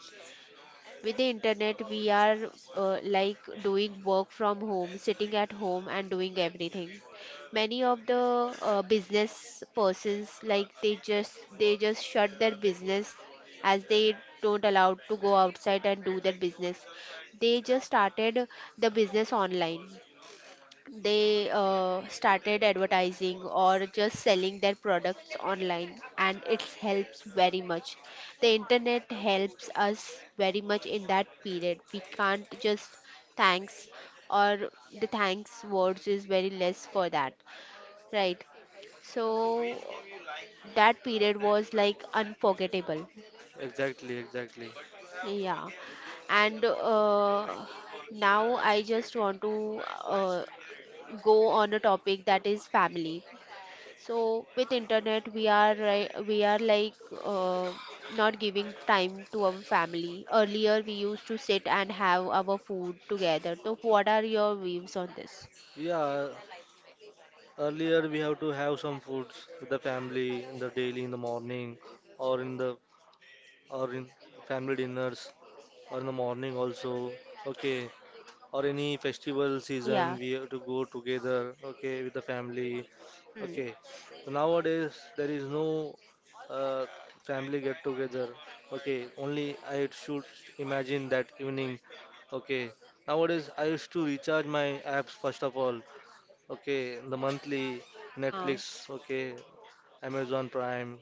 With the internet, we are like doing work from home, sitting at home, and doing everything. Many of the business persons, like they just shut their business, as they don't allowed to go outside and do their business. They just started the business online. They started advertising or just selling their products online, and it helps very much. The internet helps us very much in that period. We can't just thanks, or the thanks words is very less for that, right? So that period was like unforgettable. Exactly, exactly. Yeah. And now I just want to go on a topic that is family. So with internet, we are like uh, not giving time to our family. Earlier, we used to sit and have our food together. So what are your views on this? Yeah, earlier we have to have some foods with the family in the daily in the morning, or in the or in family dinners or in the morning also. Okay. Or any festival season Yeah. we have to go together, okay, with the family. Hmm. Okay. So nowadays there is no uh, family get together. Okay, only I should imagine that evening. Okay. Nowadays I used to recharge my apps first of all, okay, the monthly Huh. Netflix, okay, Amazon Prime,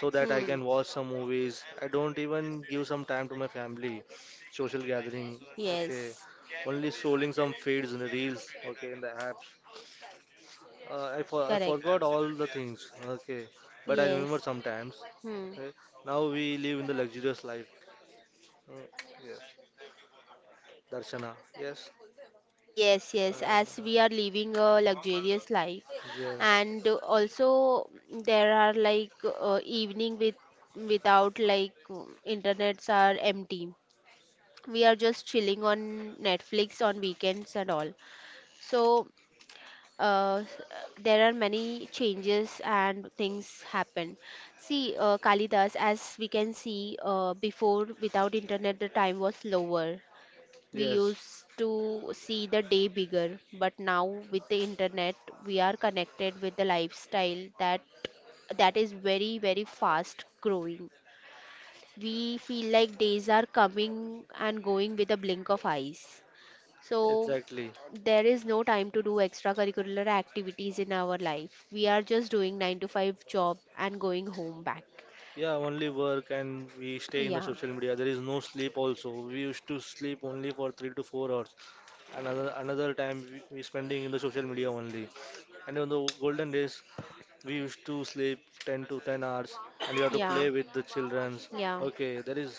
so that I can watch some movies. I don't even give some time to my family, social gathering, okay, Yes. only scrolling some feeds and reels, okay, in the apps. I Correct. forgot all the things, okay, but I remember Yes. sometimes, Hmm. okay. Now we live in the luxurious life. Uh, yes, Darshana, yes, Yes, yes, as uh, we are living a luxurious life, yeah, and also there are like evening with without like internets are empty. We are just chilling on Netflix on weekends and all. So there are many changes and things happen. See, Kalidas, as we can see, before without internet, the time was lower. We yes, used to see the day bigger, but now with the internet, we are connected with the lifestyle that is very very fast growing. We feel like days are coming and going with a blink of eyes. So exactly. there is no time to do extracurricular activities in our life. We are just doing 9 to 5 job and going home back. Yeah, only work and we stay in the Yeah. social media. There is no sleep also. We used to sleep only for 3 to 4 hours. Another time we spending in the social media only. And in the golden days, we used to sleep 10 to 10 hours and we have to Yeah. play with the childrens. Yeah. Okay, there is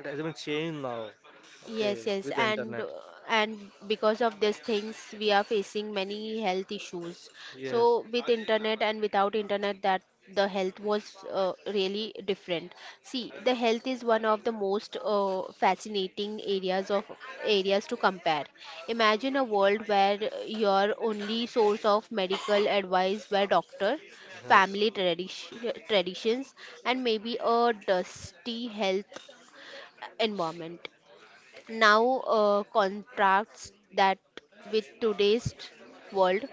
it has been changed now. Yes, Okay, yes, with the and uh, internet. and because of these things, we are facing many health issues. Yes, So with internet and without internet, that the health was really different. See, the health is one of the most fascinating areas to compare. Imagine a world where your only source of medical advice were doctor, yes, family tradition, traditions, and maybe a dusty health environment. Now, contrasts that with today's world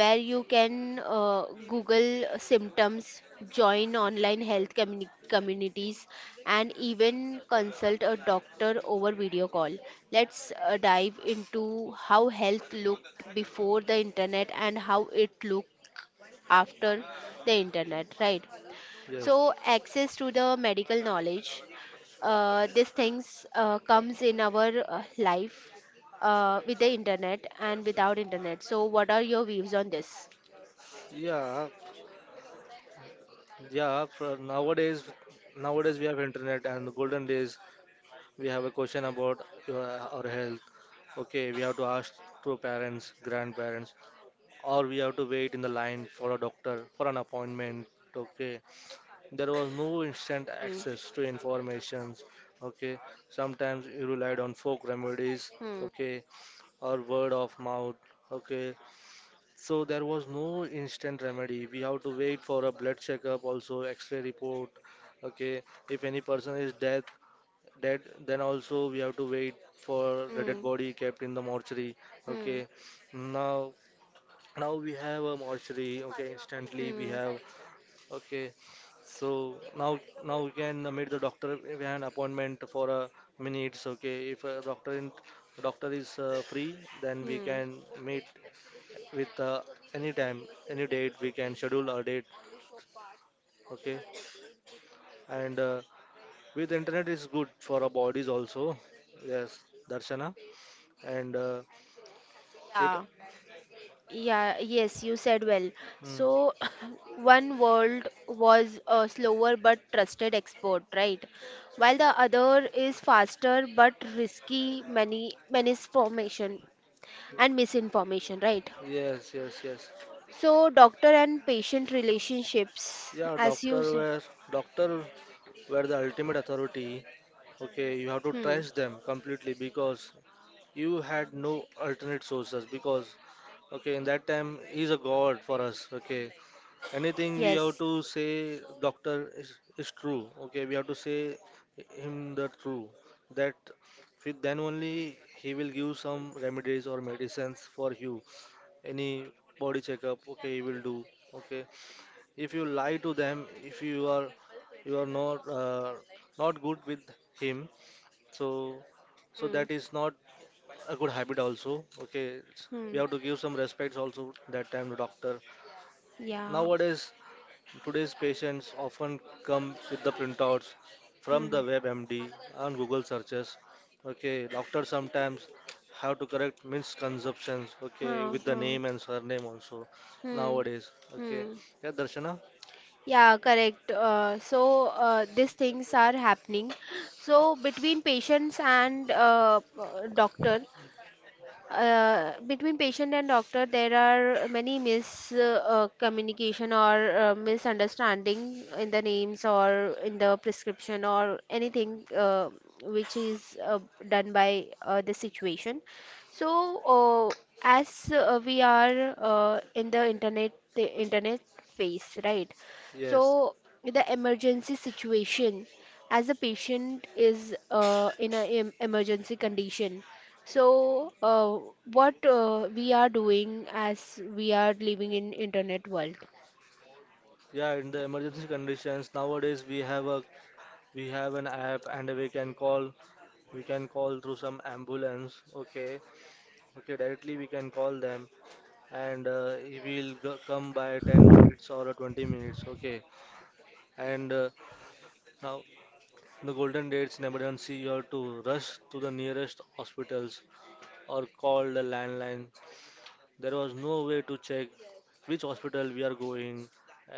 where you can Google symptoms, join online health communities, and even consult a doctor over video call. Let's dive into how health looked before the internet and how it looked after the internet, right? yes. So access to the medical knowledge, these things comes in our life with the internet and without internet. So what are your views on this? Yeah, yeah. For nowadays we have internet and the golden days. We have a question about your, our health. Okay, we have to ask to parents, grandparents, or we have to wait in the line for a doctor for an appointment. Okay, there was no instant Hmm. access to information. Okay, sometimes you relied on folk remedies. Hmm. Okay, or word of mouth. Okay, so there was no instant remedy. We have to wait for a blood checkup, also X-ray report. Okay, if any person is dead, that then also we have to wait for the dead Hmm. body kept in the mortuary. Hmm. Okay, now now we have a mortuary. Okay, instantly we Hmm. have. Okay, so now we can meet the doctor. We have an appointment for a minutes. Okay, if doctor is free, then we Hmm. can meet with any time, any date, we can schedule our date, okay. And with internet is good for our bodies also, yes, Darshana. And it, Yeah. Yeah, yes, you said well. mm, So, one world was a slower but trusted export, right? While the other is faster but risky, many misinformation and misinformation, right? yes, yes, yes. So, doctor and patient relationships, Yeah, as doctor you said. were doctor were the ultimate authority, okay. You have to Hmm. trust them completely because you had no alternate sources, because, okay, in that time he's a god for us, okay. Anything we have Yes. to say, doctor is true, okay. We have to say him the true, that with then only he will give some remedies or medicines for you. Any body checkup, okay, you will do, okay. If you lie to them, if you are not not good with him, so Hmm. that is not a good habit also, okay. Hmm. We have to give some respects also that time to doctor. Yeah. Nowadays, today's patients often come with the printouts from Hmm. the WebMD and Google searches. Okay, doctors sometimes have to correct misconceptions, okay, Huh, with the huh. name and surname also Hmm. nowadays. Okay, Hmm. yeah, Darshana. Yeah, correct. So these things are happening. So between patients and doctor, between patient and doctor there are many mis communication or misunderstanding in the names or in the prescription or anything which is done by the situation, so as we are in the internet phase, right? Yes, So the emergency situation, as a patient is in an emergency condition, so, what we are doing as we are living in internet world? yeah. In the emergency conditions nowadays, we have an app and we can call through some ambulance. Okay, okay. Directly we can call them, and he will come by 10 minutes or 20 minutes, okay. And now, the golden dates, in emergency you have to rush to the nearest hospitals or call the landline. There was no way to check which hospital we are going,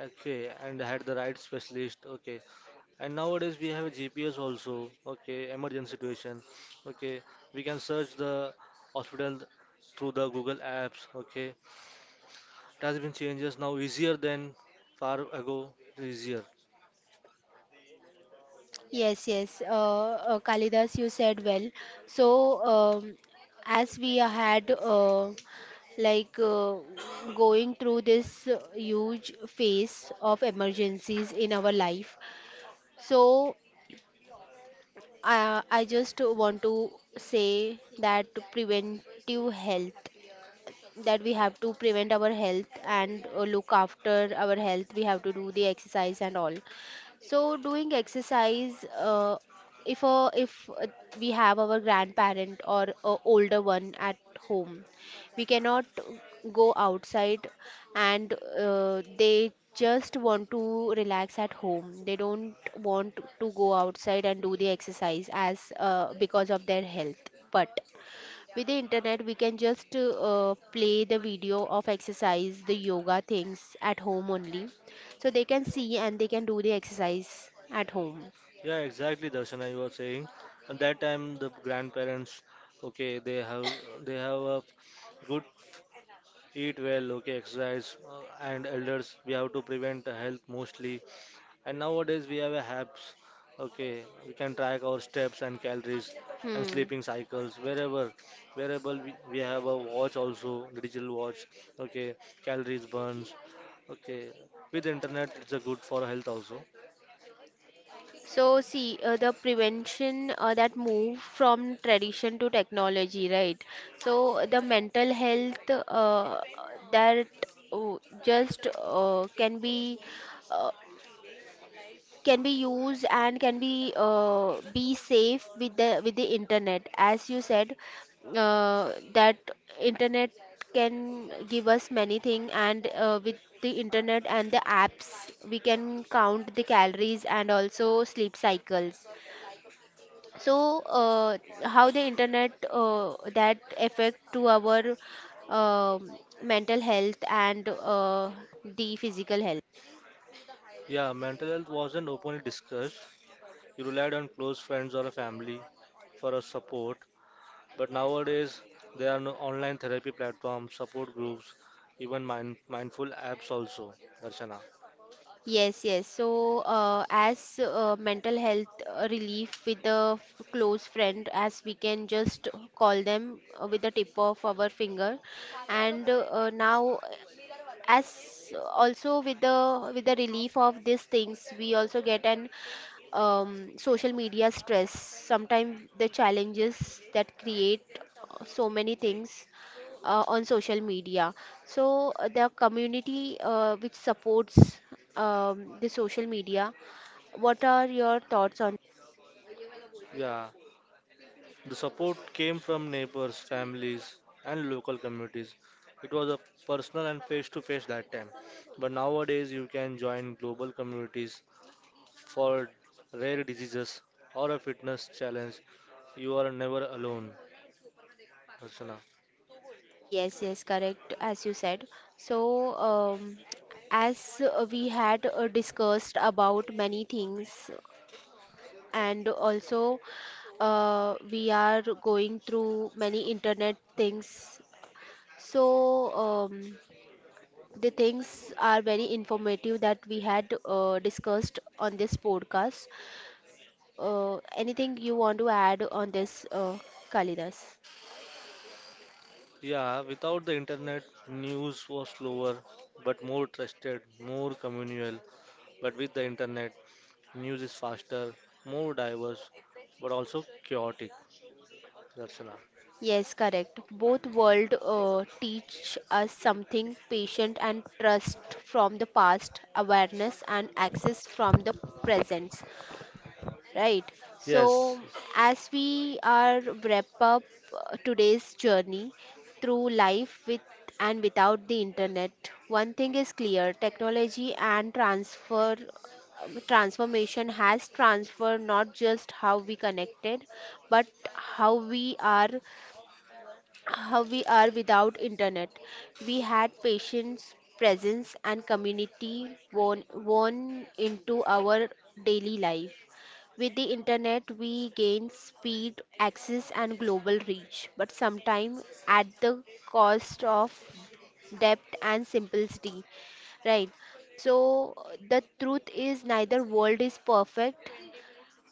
okay, and had the right specialist, okay. And nowadays we have a GPS also, okay, emergency situation, okay, we can search the hospital through the Google apps, okay. It has been changes now, easier than far ago, easier. Yes, yes. Kalidas, you said well. So, as we had like going through this huge phase of emergencies in our life, so I just want to say that preventive health, that we have to prevent our health and look after our health. We have to do the exercise and all. So doing exercise, if we have our grandparent or a older one at home, we cannot go outside, and they just want to relax at home. They don't want to go outside and do the exercise as because of their health. But with the internet we can just play the video of exercise, the yoga things at home only, so they can see and they can do the exercise at home. Yeah, exactly, Darshana, you were saying. At that time, the grandparents, okay, they have a good eat well, okay, exercise, and elders. We have to prevent health mostly. And nowadays we have a apps. Okay, we can track our steps and calories and Hmm. sleeping cycles wherever. Wherever we have a watch also, digital watch. Okay, calories burns. Okay, with internet it's a good for health also. So see, the prevention, that move from tradition to technology, right? So the mental health, that uh, just uh, can be used and can be safe with the internet, as you said, that internet can give us many things, and with the internet and the apps we can count the calories and also sleep cycles. So how the internet, that affect to our um mental health and the physical health? Yeah, mental health wasn't openly discussed. You relied on close friends or a family for a support. But nowadays, there are no online therapy platforms, support groups, even mindful apps also, Darshana. Yes, yes. So, as mental health relief with a close friend, as we can just call them with the tip of our finger, and now as also with the relief of these things, we also get an social media stress. Sometimes the challenges that create so many things on social media. So the community which supports the social media. What are your thoughts on? Yeah, the support came from neighbors, families, and local communities. It was a personal and face to face that time. But nowadays, you can join global communities for rare diseases or a fitness challenge. You are never alone, Archana. Yes, yes, correct, as you said. So, as we had discussed about many things, and also we are going through many internet things. So, um, the things are very informative that we had discussed on this podcast. Anything you want to add on this, Kalidas? Yeah, without the internet, news was slower but more trusted, more communal. But with the internet, news is faster, more diverse, but also chaotic, Darshana. Yes, correct. Both world teach us something: patient and trust from the past, awareness and access from the present. Right? Yes. So, as we are wrap up today's journey through life with and without the internet, one thing is clear: technology and transfer transformation has transferred not just how we connected, but how we are, without internet. We had patience, presence, and community worn into our daily life. With the internet, we gain speed, access, and global reach, but sometimes at the cost of depth and simplicity. Right. So the truth is neither world is perfect.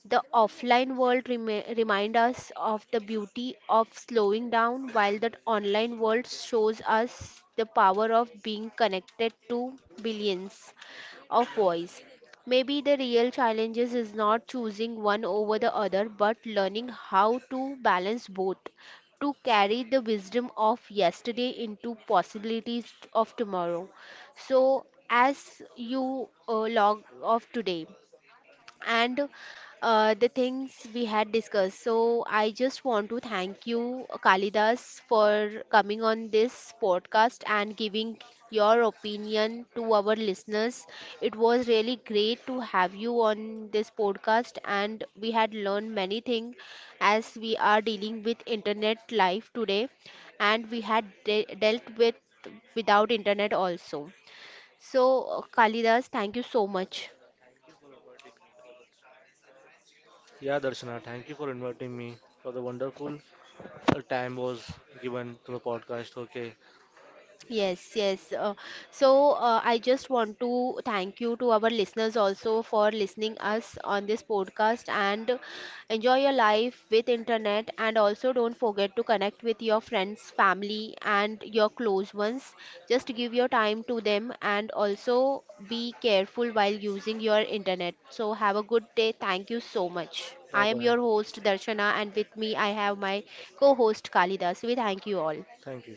The offline world remind us of the beauty of slowing down, while the online world shows us the power of being connected to billions of voice. Maybe the real challenges is not choosing one over the other, but learning how to balance both, to carry the wisdom of yesterday into possibilities of tomorrow. So, as you log off today, and the things we had discussed. So I just want to thank you, Kalidas, for coming on this podcast and giving your opinion to our listeners. It was really great to have you on this podcast, and we had learned many things as we are dealing with internet life today, and we had dealt with without internet also. So, Kalidas, thank you so much. Yeah, Darshana, thank you for inviting me for the wonderful time was given to the podcast. Okay, Yes, yes. So I just want to thank you to our listeners also for listening us on this podcast and enjoy your life with internet and also don't forget to connect with your friends, family and your close ones. Just give your time to them and also be careful while using your internet. So have a good day. Thank you so much. bye I am bye. your host Darshana and with me I have my co-host Kalidas. We thank you all. Thank you.